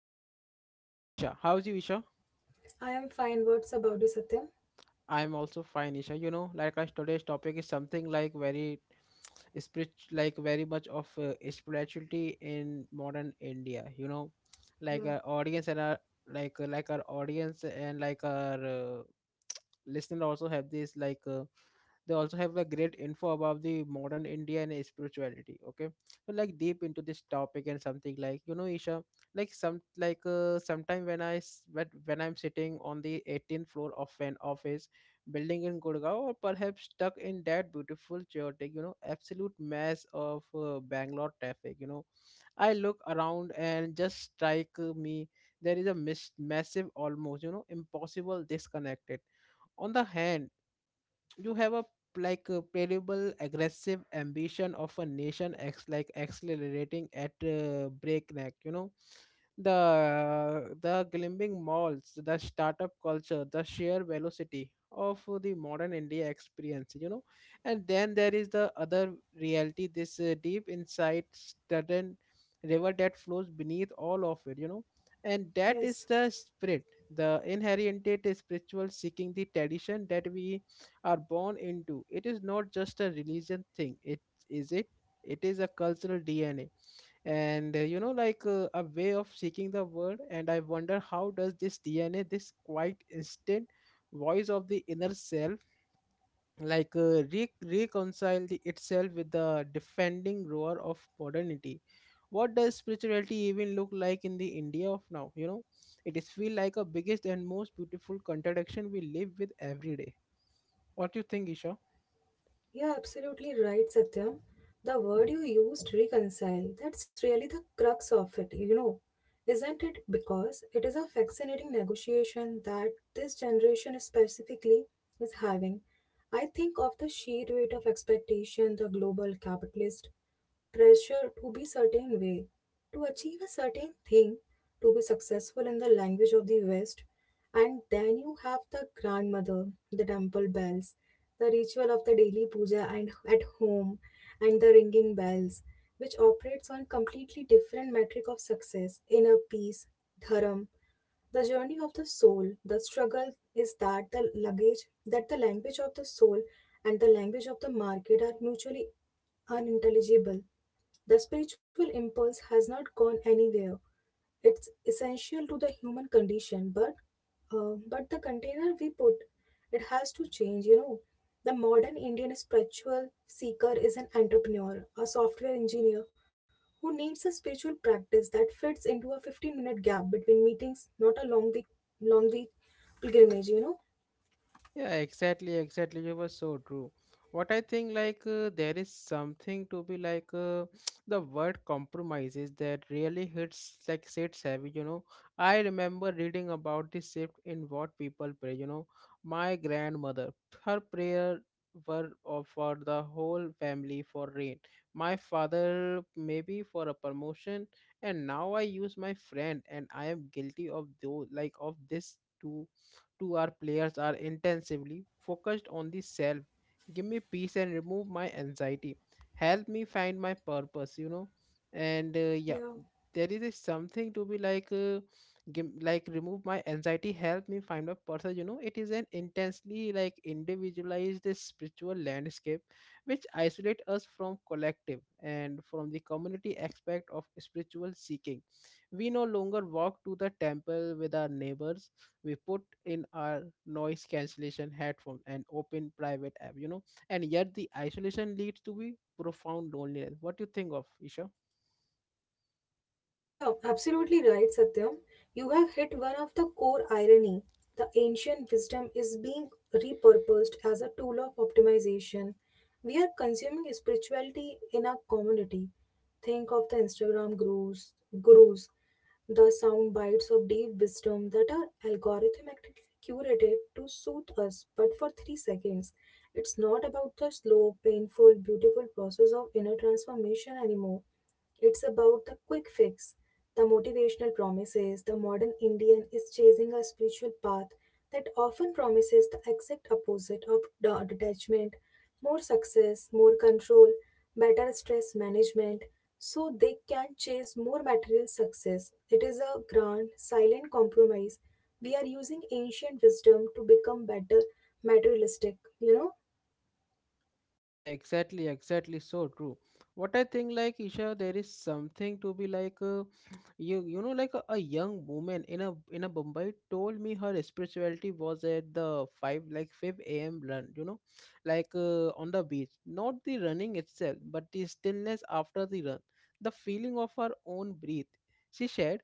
co-host Isha. How's you, Isha? I am fine. What's about you, Satyam? I'm also fine, Isha. You know, like our today's topic is something like very much of spirituality in modern India, you know, like our Yeah, audience and our like our audience and like our listener also have this like they also have a great info about the modern india and spirituality. Okay, so like deep into this topic and something, like, you know, Isha, like some like sometime when I'm sitting on the 18th floor of an office building in gurgaon, or perhaps stuck in that beautiful chaotic, you know, absolute mess of bangalore traffic, you know. I look around and just strike me there is a massive, almost, you know, impossible disconnected. On the hand, you have a like a playable aggressive ambition of a nation ex like accelerating at breakneck, you know, the glimmering malls, the startup culture, the sheer velocity of the modern india experience, you know. And then there is the other reality, this deep inside sudden river that flows beneath all of it, you know, and that is yes. the spirit, the inherited spiritual seeking, the tradition that we are born into. It is not just a religion thing. It is it. It is a cultural DNA, and you know, like a way of seeking the world. And I wonder how does this DNA, this quite instant voice of the inner self, like reconcile itself with the defending roar of modernity? What does spirituality even look like in the India of now? You know, it is feel like a biggest and most beautiful contradiction we live with every day. What do you think, Isha? You're absolutely right, Satyam. The word you used, reconcile, that's really the crux of it, you know. Isn't it? Because it is a fascinating negotiation that this generation specifically is having. I think of the sheer weight of expectation the global capitalist pressure to be certain way, to achieve a certain thing, to be successful in the language of the West. And then you have the grandmother, the temple bells, the ritual of the daily puja and at home, and the ringing bells, which operates on completely different metric of success, inner peace, dharam, the journey of the soul the struggle is that the luggage that the language of the soul and the language of the market are mutually unintelligible. The spiritual impulse has not gone anywhere. It's essential to the human condition, but the container we put it has to change. You know, the modern Indian spiritual seeker is an entrepreneur, a software engineer who needs a spiritual practice that fits into a 15-minute gap between meetings, not a long week pilgrimage. You know, Yeah, exactly, exactly. You were so true. What I think, like, there is something to be like the word compromises that really hits, like, sits heavy. You know, I remember reading about this shift in what people pray. You know, my grandmother, her prayer were for the whole family, for rain. My father, maybe for a promotion, and now I use my friend, and I am guilty of those, like, of this too. To our players are intensively focused on the self. Give me peace and remove my anxiety. Help me find my purpose, you know. And yeah, yeah. there is a something to be like, give, like remove my anxiety, help me find my purpose. You know, it is an intensely like individualized spiritual landscape, which isolate us from collective and from the community aspect of spiritual seeking. We no longer walk to the temple with our neighbors. We put in our noise cancellation headphones and open private app, you know. And yet the isolation leads to be profound loneliness. What do you think of, Isha? Yeah, absolutely right, Satyam. You have hit one of the core irony. The ancient wisdom is being repurposed as a tool of optimization. We are consuming spirituality in our community. Think of the Instagram gurus, the sound bites of deep wisdom that are algorithmically curated to soothe us, but for 3 seconds. It's not about the slow, painful, beautiful process of inner transformation anymore. It's about the quick fix, the motivational promises. The modern Indian is chasing a spiritual path that often promises the exact opposite of detachment, more success, more control, better stress management. So they can chase more material success. It is a grand, silent compromise. We are using ancient wisdom to become better materialistic, you know? Yeah, exactly, exactly. So true. What I think, like, Isha, there is something to be like, you know, like a young woman in a Mumbai told me her spirituality was at the five a.m. run. You know, like on the beach, not the running itself, but the stillness after the run, the feeling of her own breath. She shared,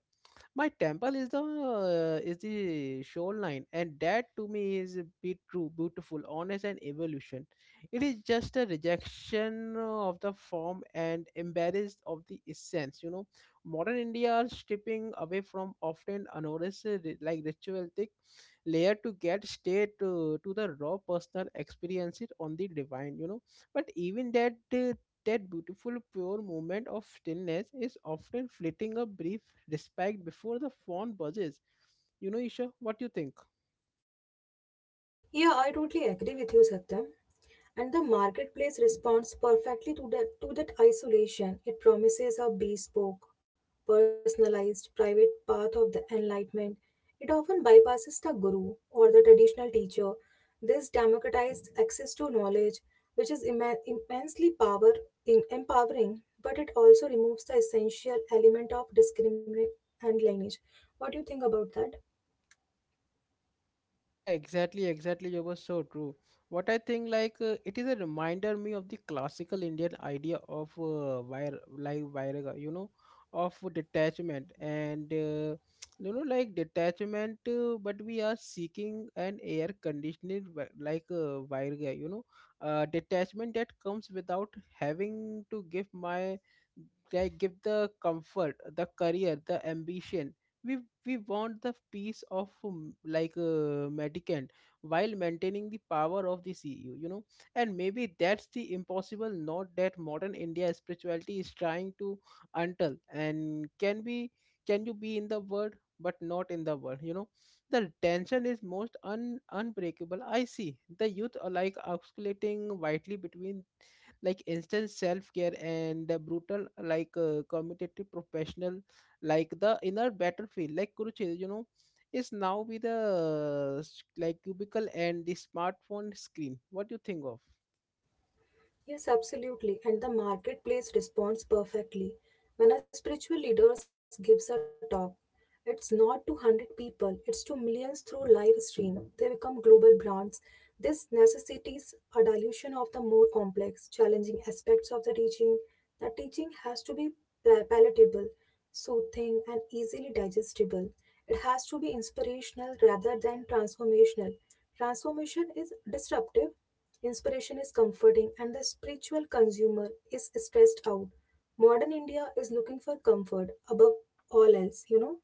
my temple is the shoreline, and that to me is a bit true, beautiful, honest and evolution. It is just a rejection of the form and embarrassed of the essence, you know. Modern india are stripping away from often unnoticed like ritualistic layer to get straight to the raw personal experiences on the divine, you know. But even that that beautiful pure moment of stillness is often fleeting, a brief respect before the phone buzzes. You know, Isha, what do you think? Yeah, I totally agree with you, Satyam. And the marketplace responds perfectly to that isolation. It promises a bespoke, personalized, private path of the enlightenment. It often bypasses the guru or the traditional teacher. This democratized access to knowledge, which is immensely power in empowering, but it also removes the essential element of discrimination and lineage. What do you think about that? Yeah, exactly, exactly. You were so true. What I think, like, it is a reminder me of the classical Indian idea of wire, like viraga, you know, of detachment and you know, like detachment. But we are seeking an air conditioning, viraga, you know, detachment that comes without having to give my like give the comfort, the career, the ambition. We we want the peace of Vatican, while maintaining the power of the CU, you know, and maybe that's the impossible note that modern India spirituality is trying to, until and can be, can you be in the world but not in the world, you know. The tension is most unbreakable. I see the youth are like oscillating widely between like instant self-care and the brutal, like competitive professional, like the inner battlefield like Kurukshetra, you know, is now with the cubicle and the smartphone screen. What do you think of? Yes, absolutely. And the marketplace responds perfectly. When a spiritual leader gives a talk, it's not to 100 people, it's to millions through live stream. They become global brands. This necessitates a dilution of the more complex, challenging aspects of the teaching. The teaching has to be palatable, soothing, and easily digestible. It has to be inspirational rather than transformational. Transformation is disruptive, inspiration is comforting and the spiritual consumer is stressed out. Modern India is looking for comfort above all else, you know?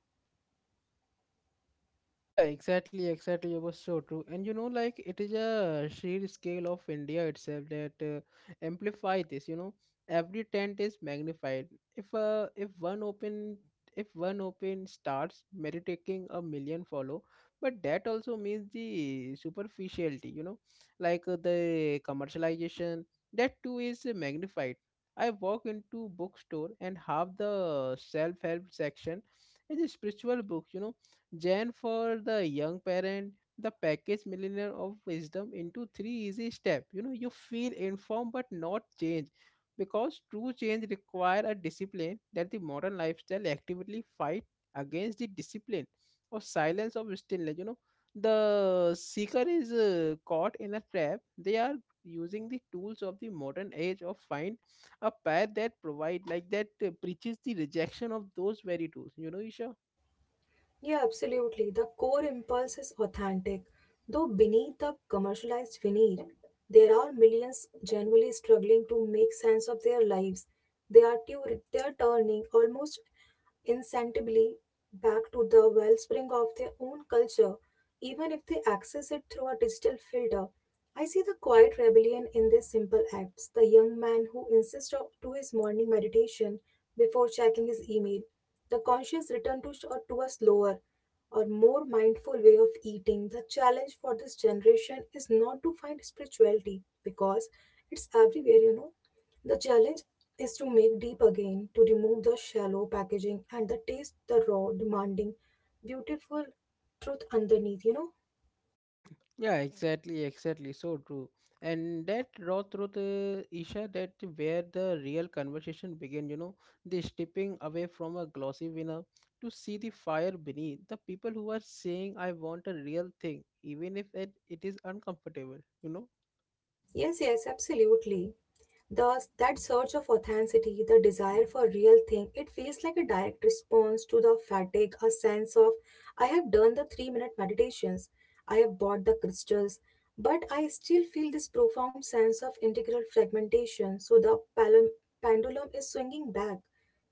Yeah, exactly, exactly. It was so true. And you know, like it is a sheer scale of India itself that amplify this. You know, every tent is magnified. If if one open starts meditating, a million follow, but that also means the superficiality. You know, like the commercialization, that too is magnified. I walk into bookstore and half the self help section is a spiritual book. You know, Jan for the young parent, the package millionaire of wisdom into three easy steps. You know, you feel informed but not change, because true change require a discipline that the modern lifestyle actively fight against, the discipline or silence of stillness. You know, the seeker is caught in a trap. They are using the tools of the modern age of find a path that provide like that preaches the rejection of those very tools. You know, Isha. Yeah, absolutely. The core impulse is authentic, though beneath the commercialized veneer, there are millions genuinely struggling to make sense of their lives. They are, they are turning almost insensibly back to the wellspring of their own culture, even if they access it through a digital filter. I see the quiet rebellion in these simple acts. The young man who insists to his morning meditation before checking his email, the conscious return to, or to a slower or more mindful way of eating. The challenge for this generation is not to find spirituality because it's everywhere, you know. The challenge is to make deep again, to remove the shallow packaging and the taste the raw, demanding, beautiful truth underneath, you know? Yeah, exactly, exactly. So true. And that raw truth, Isha, that where the real conversation began, you know, the stepping away from a glossy winner to see the fire beneath, the people who are saying, I want a real thing, even if it is uncomfortable, you know. Yes, yes, absolutely. Thus, that search of authenticity, the desire for real thing, it feels like a direct response to the fatigue, a sense of I have done the 3 minute meditations, I have bought the crystals, but I still feel this profound sense of integral fragmentation. So the pendulum is swinging back,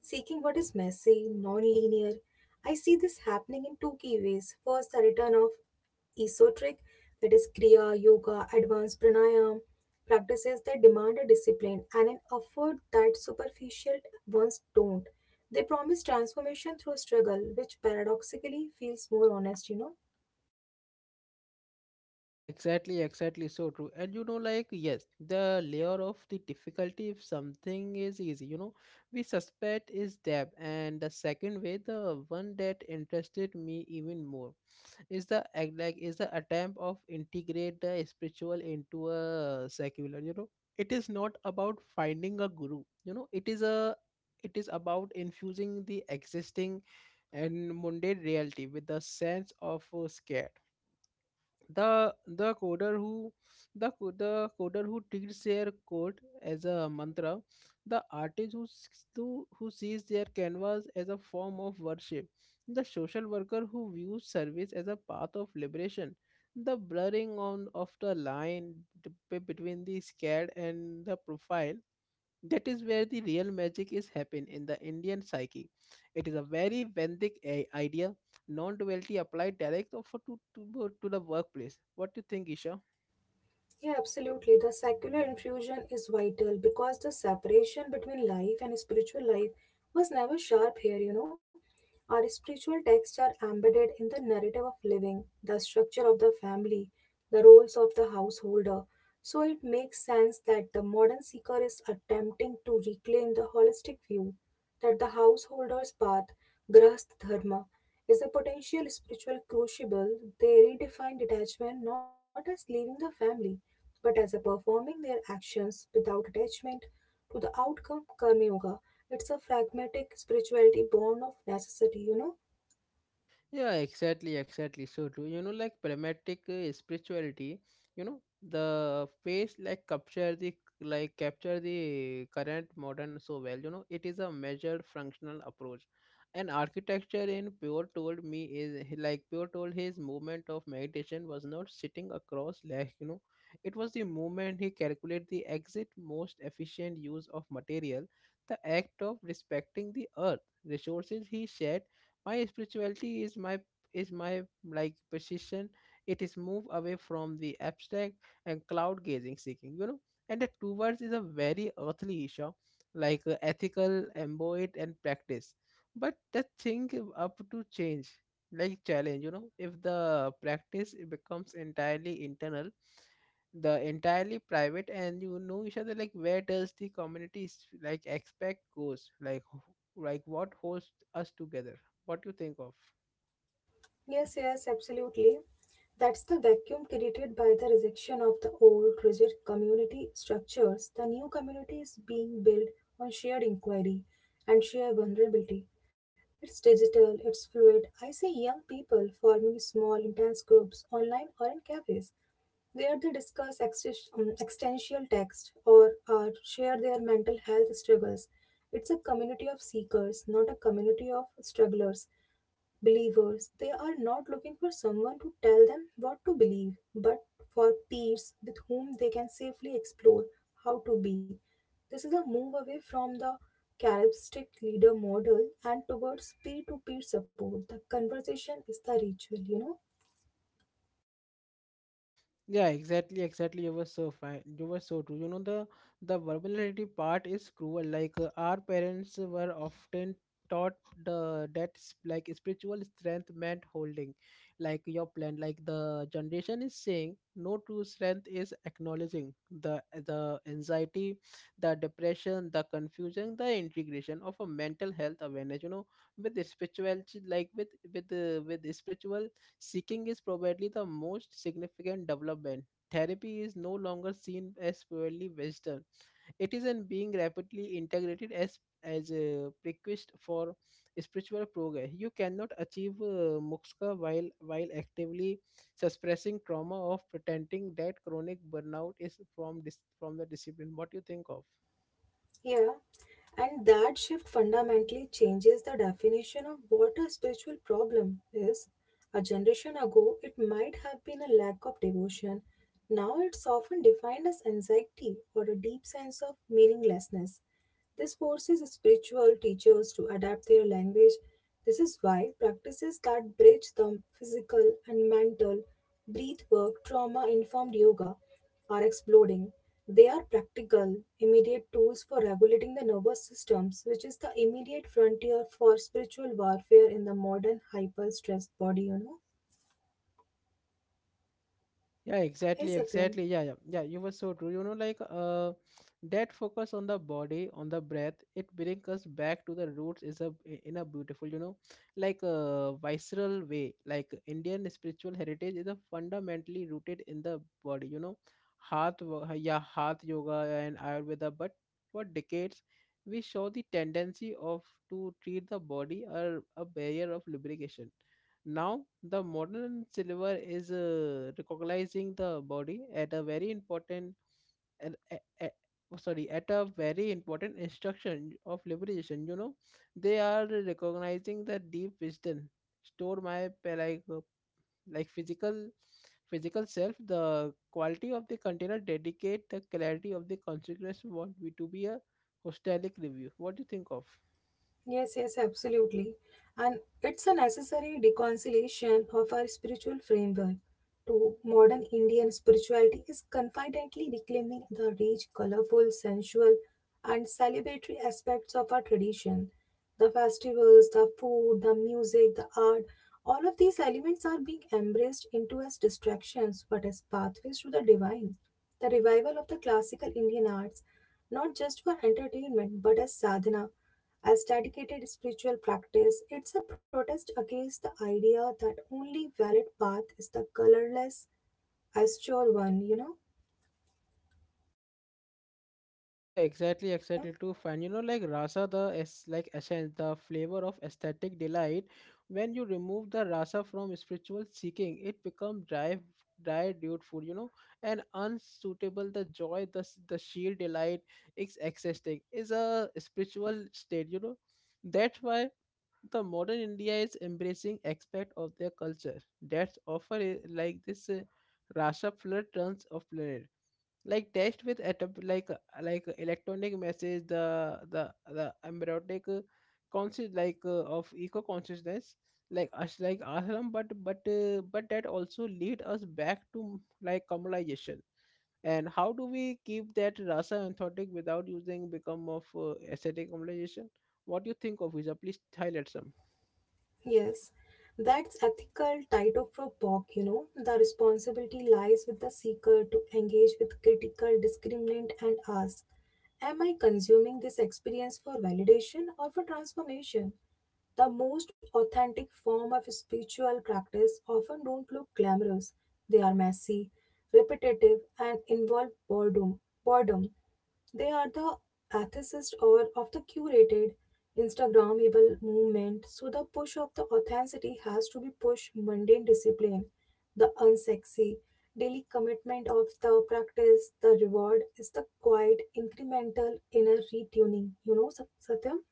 seeking what is messy, non linear. I see this happening in two key ways. First, the return of esoteric, that is Kriya, Yoga, advanced pranayam, practices that demand a discipline and an effort that superficial ones don't. They promise transformation through struggle, which paradoxically feels more honest, you know. Yeah, exactly, exactly. So true. And you know, like, yes, the layer of the difficulty, if something is easy, you know, we suspect is depth. And the second way, the one that interested me even more, is the act, like is the attempt of integrate the spiritual into a secular, you know. It is not about finding a guru, you know. It is a, it is about infusing the existing and mundane reality with a sense of scare, the coder who, the coder who treats their code as a mantra, the artist who who sees their canvas as a form of worship, the social worker who views service as a path of liberation, the blurring on of the line between the scared and the profile. That is where the real magic is happening in the Indian psyche. It is a very Vedic idea, non-duality applied direct of- to the workplace. What do you think, Isha? Yeah, absolutely. The secular infusion is vital because the separation between life and spiritual life was never sharp here, you know. Our spiritual texts are embedded in the narrative of living, the structure of the family, the roles of the householder. So it makes sense that the modern seeker is attempting to reclaim the holistic view that the householder's path, grahasth dharma, is a potential spiritual crucible. They redefine detachment not as leaving the family but as a performing their actions without attachment to the outcome karma yoga, it's a pragmatic spirituality born of necessity, you know. Yeah, exactly, exactly. So true. You know, like pragmatic spirituality, you know, the face like capture the current modern so well. You know, it is a measured functional approach. And architecture in Pure told me is Pure told his movement of meditation was not sitting across, like, you know, it was the movement he calculated the exit most efficient use of material, the act of respecting the earth resources. He shared, my spirituality is my like precision. It is move away from the abstract and cloud gazing seeking, you know. And the two words is a very earthly issue, like ethical, embodied and practice. But the thing, up to change, like challenge, you know, if the practice it becomes entirely internal, the entirely private, and you know each other, like where does the community like expect goes, like like what holds us together? What do you think of? Yes, yes, absolutely. That's the vacuum created by the rejection of the old rigid community structures. The new community is being built on shared inquiry and shared vulnerability. It's digital, it's fluid. I see young people forming small, intense groups online or in cafes where they discuss existential text or share their mental health struggles. It's a community of seekers, not a community of strugglers, believers. They are not looking for someone to tell them what to believe, but for peers with whom they can safely explore how to be. This is a move away from the characteristic leader model and towards peer to peer support. The conversation is the ritual, you know. Yeah, exactly, exactly. You were so fine. You were so true. You know, the vulnerability part is cruel. Like our parents were often taught like spiritual strength meant holding, like, your plan, like the generation is saying, no, true strength is acknowledging the the anxiety, the depression, the confusion. The integration of a mental health awareness, you know, with the spirituality, like with the spiritual seeking is probably the most significant development. Therapy is no longer seen as purely Western. It is in being rapidly integrated as a prerequisite for spiritual progress. You cannot achieve muksa while actively suppressing trauma of pretending that chronic burnout is from from the discipline. What do you think of? Yeah, and that shift fundamentally changes the definition of what a spiritual problem is. A generation ago, it might have been a lack of devotion. Now it's often defined as anxiety or a deep sense of meaninglessness. This forces spiritual teachers to adapt their language. This is why practices that bridge the physical and mental, breath work, trauma informed yoga, are exploding. They are practical, immediate tools for regulating the nervous systems, which is the immediate frontier for spiritual warfare in the modern hyper stressed body, you know. Yeah, Hey exactly, Satyam. exactly. Yeah, yeah, yeah. You were so true. You know, like that focus on the body, on the breath, it brings us back to the roots. Is a in a beautiful, visceral way. Like Indian spiritual heritage is a fundamentally rooted in the body. You know, heart, yeah, heart yoga and Ayurveda. But for decades, we saw the tendency of to treat the body as a barrier of lubrication now, the modern silver is recognizing the body at a very important, an- a- a- oh, sorry, at a very important instruction of liberation. You know, they are recognizing the deep wisdom store my pa- like physical physical self. The quality of the container dedicate the clarity of the consequence. Want we to be a hostelic review. What do you think of? Yes, yes, absolutely. And it's a necessary reconciliation of our spiritual framework to modern Indian spirituality is confidently reclaiming the rich, colorful, sensual, and celebratory aspects of our tradition. The festivals, the food, the music, the art, all of these elements are being embraced into as distractions but as pathways to the divine. The revival of the classical Indian arts, not just for entertainment but as sadhana, as dedicated spiritual practice, it's a protest against the idea that only valid path is the colorless, austere one, you know? Yeah, exactly, Satyam? exactly. Too fine. You know, like rasa, the is like essence, the flavor of aesthetic delight. When you remove the rasa from spiritual seeking, it becomes dry, dry, dude food. You know, and unsuitable. The joy, the sheer delight is existing is a spiritual state. You know, that's why the modern India is embracing aspect of their culture. That's offer like this rasa flood turns of planet like text with atop, electronic message the embryotic conscious of eco consciousness like us like ashram but but that also lead us back to like communalization and how do we keep that rasa authentic without using become of aesthetic communalization what do you think of visa please highlight some. Yes. That's ethical title for POC, you know. The responsibility lies with the seeker to engage with critical, discriminant, and ask, am I consuming this experience for validation or for transformation? The most authentic form of spiritual practice often don't look glamorous. They are messy, repetitive, and involve boredom. Boredom. They are the atheist or of the curated Instagrammable movement. So the push of the authenticity has to be push mundane discipline, the unsexy, daily commitment of the practice. The reward is the quiet, incremental inner retuning. You know, Satyam.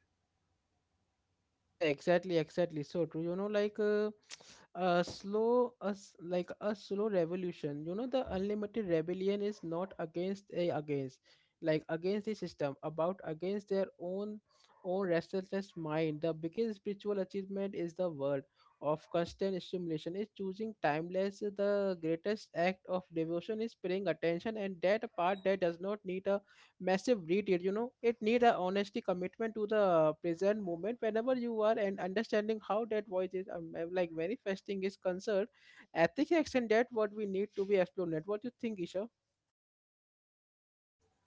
Yeah, exactly, exactly. So true. You know, a slow, us like a slow revolution. You know, the unlimited rebellion is not against like against the system, about against their own restless mind. The biggest spiritual achievement is the word of constant stimulation. Is choosing timeless. The greatest act of devotion is paying attention, and that part that does not need a massive read-it. You know, it needs a honesty commitment to the present moment whenever you are and understanding how that voice is like manifesting is concerned. Ethics and that what we need to be explored. What you think, Isha?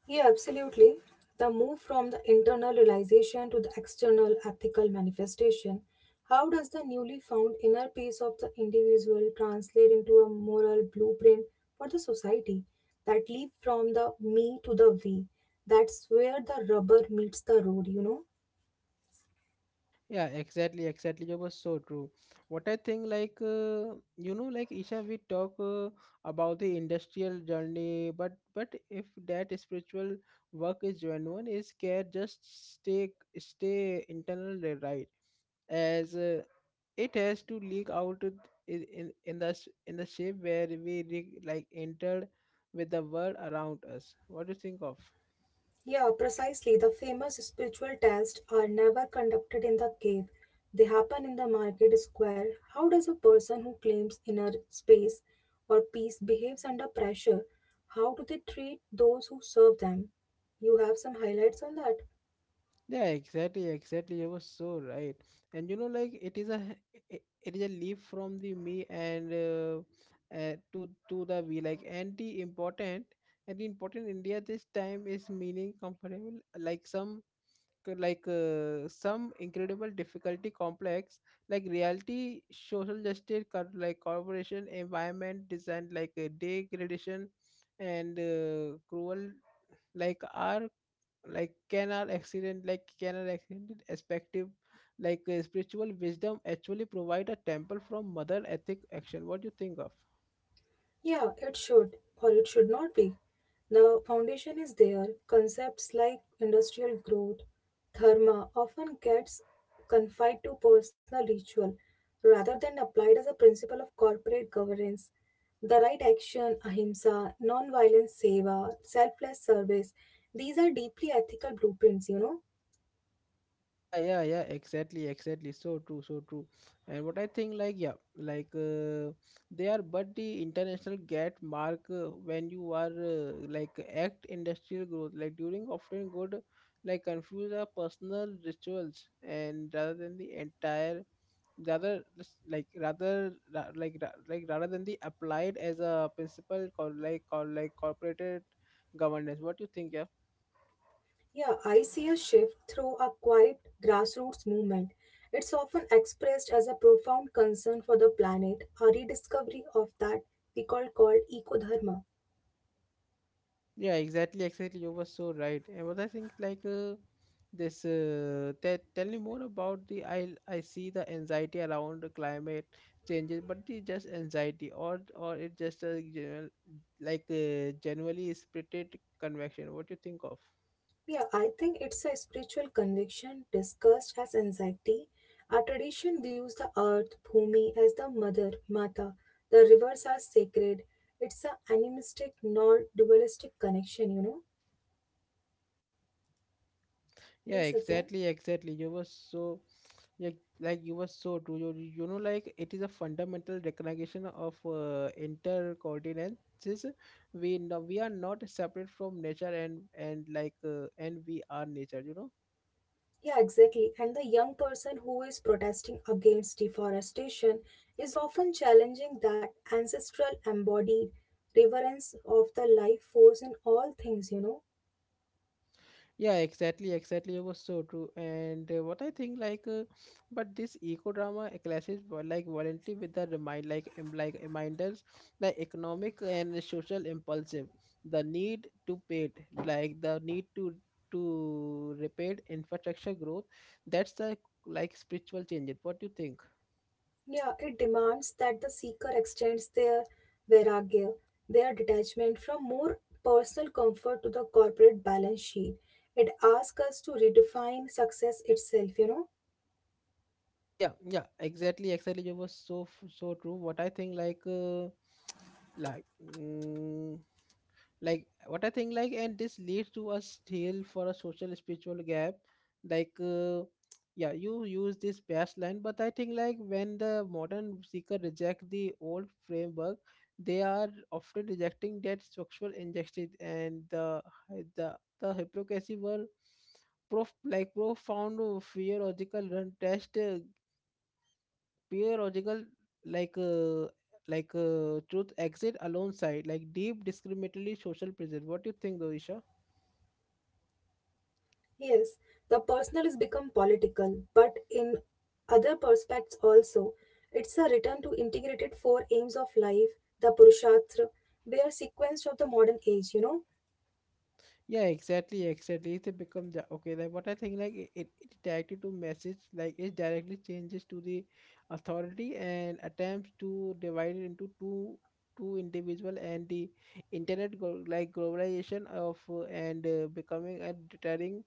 Yeah, absolutely. The move from the internal realization to the external ethical manifestation. How does the newly found inner peace of the individual translate into a moral blueprint for the society? That leap from the me to the we. That's where the rubber meets the road, you know. Yeah, exactly, exactly. You was so true. What I think, you know, like Isha, we talk about the industrial journey, but if that spiritual work is genuine, is care just stay stay internal, right? As it has to leak out in in the shape where like entered with the world around us what do you think of. Yeah, precisely. The famous spiritual tests are never conducted in the cave. They happen in the market square. How does a person who claims inner space or peace behaves under pressure? How do they treat those who serve them? You have some highlights on that? Yeah, exactly, exactly. You were so right. And you know like it is it is a leap from the me and to the we like and the important india this time is meaning comfortable like some some incredible difficulty complex like reality social justice like corporation environment design degradation and cruel like are like can our accident perspective spiritual wisdom actually provide a temple from mother ethic action what do you think of. Yeah, it should, or it should not be. The foundation is there. Concepts like industrial growth, dharma, often gets confined to personal ritual rather than applied as a principle of corporate governance. The right action, ahimsa, non-violence seva, selfless service, these are deeply ethical blueprints, you know. Yeah, yeah, yeah, exactly, exactly. So true, so true. And what I think, like, yeah, they are, but the international get mark when you are like act industrial growth, like during often good, like confuse our personal rituals and rather than the entire, rather just like rather ra- like rather than the applied as a principle called like corporate governance. What do you think? Yeah. Yeah, I see a shift through a quiet grassroots movement. It's often expressed as a profound concern for the planet, a rediscovery of that we call called ecodharma. Yeah, exactly, exactly. You were so right. And what I think, this, tell me more about the. I see the anxiety around the climate changes, but it's just anxiety, or it just a general, generally spirited convection. What do you think of? Yeah, I think it's a spiritual conviction discussed as anxiety. Our tradition views the earth, Bhumi, as the mother, Mata. The rivers are sacred. It's a animistic, non-dualistic connection, you know. Hey, Yeah, Satya. exactly, exactly. You were so like you were so true you, you know like it is a fundamental recognition of intercoordinates we no, we are not separate from nature and and we are nature you know. Yeah, exactly. And the young person who is protesting against deforestation is often challenging that ancestral embodied reverence of the life force in all things, you know. Yeah, exactly, exactly. It was so true. And what I think, like, but this eco drama like violently with the remind, like reminders, like economic and social impulsive, the need to pay, like the need to repair infrastructure growth. That's the like spiritual changes. What do you think? Yeah, it demands that the seeker extends their vairagya, their detachment from more personal comfort to the corporate balance sheet. It asks us to redefine success itself, you know. Yeah, yeah, exactly, exactly. It was so true. What I think, like, like. What I think like and this leads to a still for a social spiritual gap like uh, yeah you use this past line but I think like when the modern seeker reject the old framework they are often rejecting that structural injustice and the, the hypocrisy were profound fear logical run test pure logical like uh, truth exit alongside like deep discriminatory social pressure what do you think though. Yes, the personal has become political, but in other perspectives also. It's a return to integrated four aims of life, the Purusharth, they are sequenced of the modern age, you know. Yeah, exactly, exactly. It becomes the okay like what I think like it directly to message like it directly changes to the authority and attempts to divide it into two individual and the like globalization of and becoming a deterring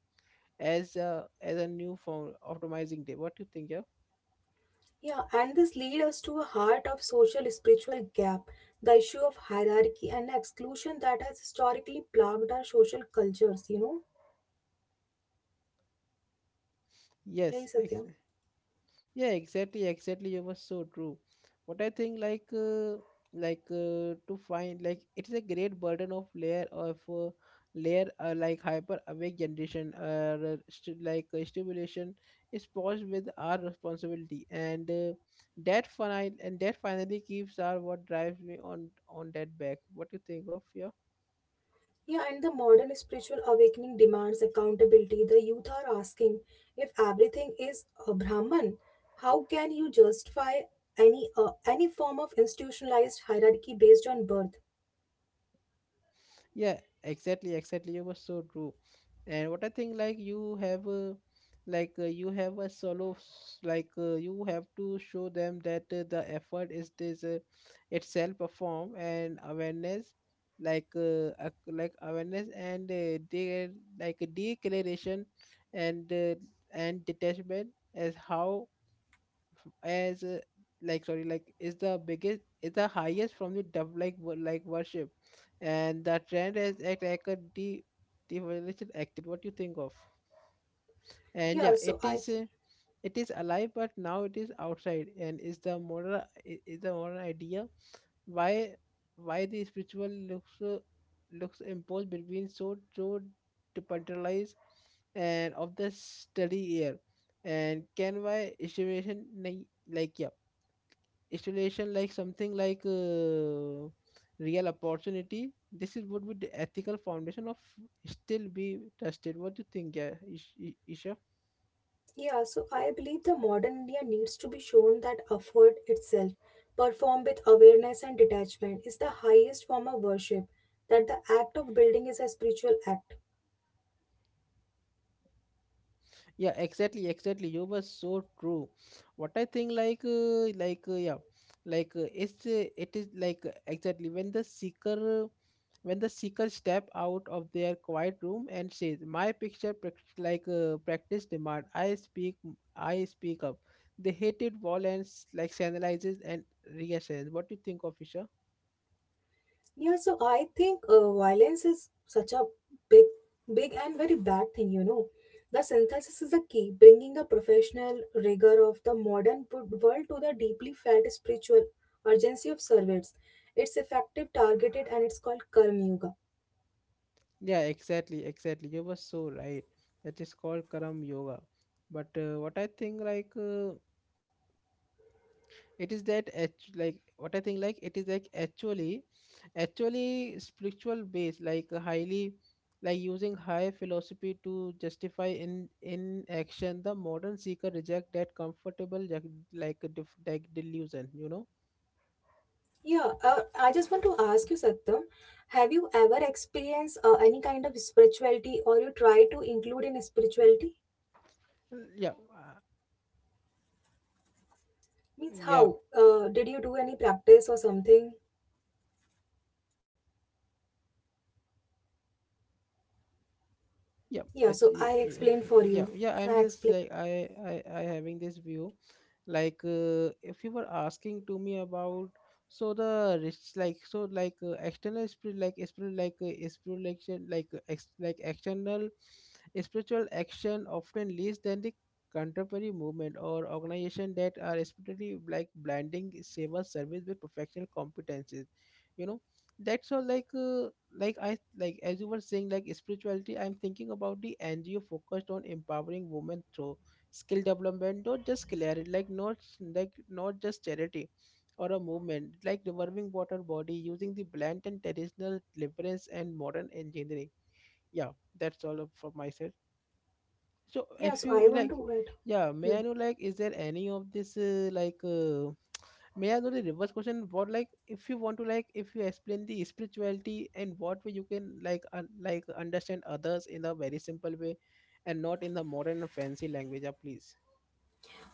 as a new form optimizing day what do you think yeah. Yeah, and this leads us to a heart of social spiritual gap, the issue of hierarchy and exclusion that has historically plagued our social cultures, you know. Hey yes ex- Satyam. yeah exactly exactly It was so true what I think to find like it is a great burden of layer like hyper awake generation stimulation is posed with our responsibility and that final and that finally keeps our what drives me on that back what do you think of yeah. Yeah, and the modern spiritual awakening demands accountability. The youth are asking if everything is a Brahman, how can you justify any form of institutionalized hierarchy based on birth? Yeah, exactly, exactly. You were so true. And what I think like you have you have a solo s- like you have to show them that the effort is this itself perform and awareness awareness and like declaration and uh, and detachment as how as like sorry is the biggest is the highest from the dev like worship and the trend is act like a de devolution acted what you think of and yeah Yeah, so I think it is alive but now it is outside and is the moral is the moral idea why why the spiritual looks looks imposed between so departmentalized and of the study year and can why estimation like yeah installation like something real opportunity this is would be the ethical foundation of still be trusted what do you think yeah, isha. yeah, so I believe the modern India needs to be shown that effort itself, performed with awareness and detachment, is the highest form of worship. That the act of building is a spiritual act. Yeah exactly exactly you were so true what I think yeah it's it is exactly when the seeker when the seeker step out of their quiet room and says my picture prac- like practice demand I speak up the hated wall and like analyzes and reassurance what do you think officer? Yeah, so I think violence is such a big, big and very bad thing, you know. The synthesis is a key, bringing the professional rigor of the modern world to the deeply felt spiritual urgency of service. It's effective, targeted, and it's called Karma Yoga. Yeah exactly exactly you were so right that is called karam yoga but what I think it is that act- like what I think like it is like actually spiritual base like highly like using high philosophy to justify in action the modern seeker reject that comfortable def, like delusion you know. Yeah, I just want to ask you, Satyam, have you ever experienced any kind of spirituality or you try to include in spirituality? Uh, yeah uh, Means yeah how? Did you do any practice or something? yeah Yeah, it's so I yeah explained for yeah you. yeah, I'm I just explained. like I having this view if you were asking to me about so the rich like so like external spirit like spiritual like external spiritual action often leads than the contemporary movement or organization that are especially like blending seva service with professional competences you know that's all like I like as you were saying like spirituality I'm thinking about the ngo focused on empowering women through skill development not not just charity or a movement like revolving water body using the blend and traditional deliverance and modern engineering yeah that's all up from my side so Yeah, if so I you want like, to add. yeah, may I know like is there any of this may I know the reverse question? What like if you want to like if you explain the spirituality and what way you can like understand others in a very simple way and not in the modern fancy language, please.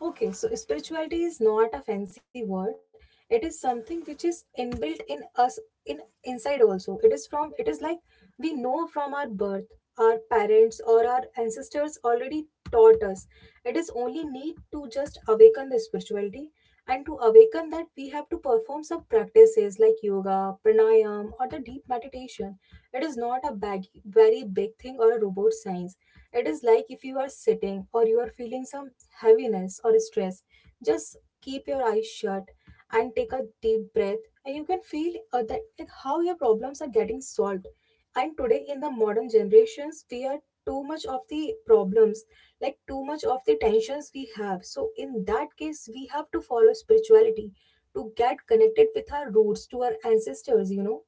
Okay, so spirituality is not a fancy word. It is something which is inbuilt in us in inside also. It is from it is like we know from our birth, our parents or our ancestors already taught us. It is only need to just awaken the spirituality and to awaken that we have to perform some practices like yoga, pranayam or the deep meditation. It is not a bag, very big thing or a robot science. It is like if you are sitting or you are feeling some heaviness or stress, just keep your eyes shut and take a deep breath, and you can feel that like how your problems are getting solved. And today, in the modern generations, we are too much of the problems, like too much of the tensions we have. So, in that case, we have to follow spirituality to get connected with our roots, to our ancestors. You know?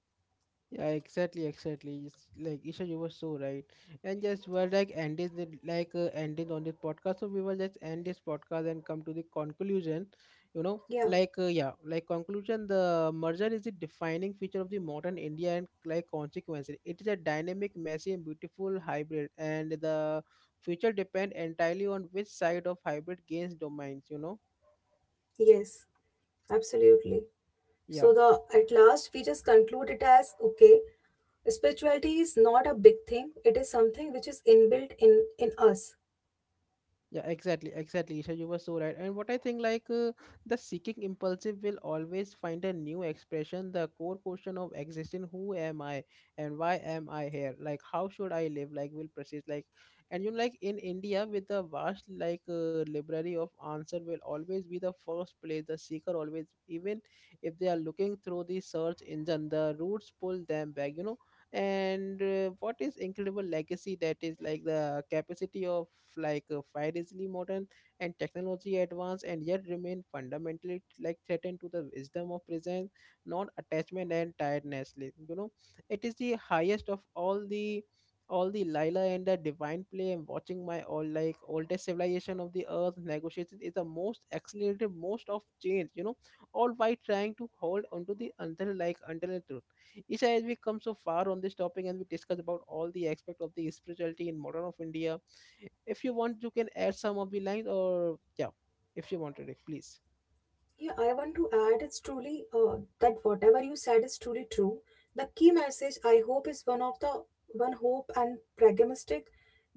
Yeah, exactly, exactly. It's like Isha, you were so right. And just we're like ending the ending on this podcast, so we will just end this podcast and come to the conclusion. You know, Yeah. Yeah, like conclusion. The merger is the defining feature of the modern India and like consequences. It is a dynamic, messy, and beautiful hybrid, and the future depend entirely on which side of hybrid gains domains. You know, Yes. Absolutely. yeah. So the at last we just conclude it as okay, spirituality is not a big thing, it is something which is inbuilt in us. Yeah exactly exactly so you were so right and what I think the seeking impulsive will always find a new expression the core question of existing who am I and why am I here like how should I live like will persist like and you know, like in india with the vast library of answer will always be the first place the seeker always even if they are looking through the search engine the roots pull them back you know and what is incredible legacy that is like the capacity of fiercely modern and technology advanced and yet remain fundamentally like threatened to the wisdom of presence non-attachment and tiredness Like, you know it is the highest of all the lila and the divine play and watching my all like oldest civilization of the earth negotiated is the most accelerated most of change you know all while trying to hold onto the until truth. Isha, as we come so far on this topic and we discuss about all the aspect of the spirituality in modern of India, if you want, you can add some of the lines or yeah, if you wanted it, please. Yeah, I want to add, it's truly that whatever you said is truly true, the key message I hope is one of the one hope and pragmatic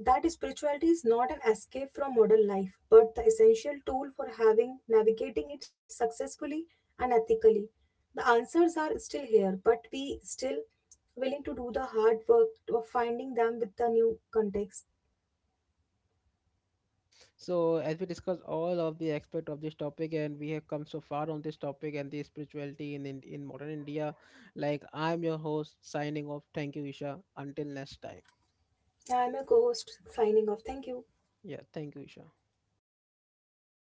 that spirituality is not an escape from modern life but the essential tool for having navigating it successfully and ethically. The answers are still here but we still willing to do the hard work of finding them with the new context. So as we discuss all of the aspect of this topic and we have come so far on this topic and the spirituality in modern India, like I'm your host signing off. Thank you, Isha. Until next time. I'm a co-host signing off. Thank you. Yeah, thank you, Isha.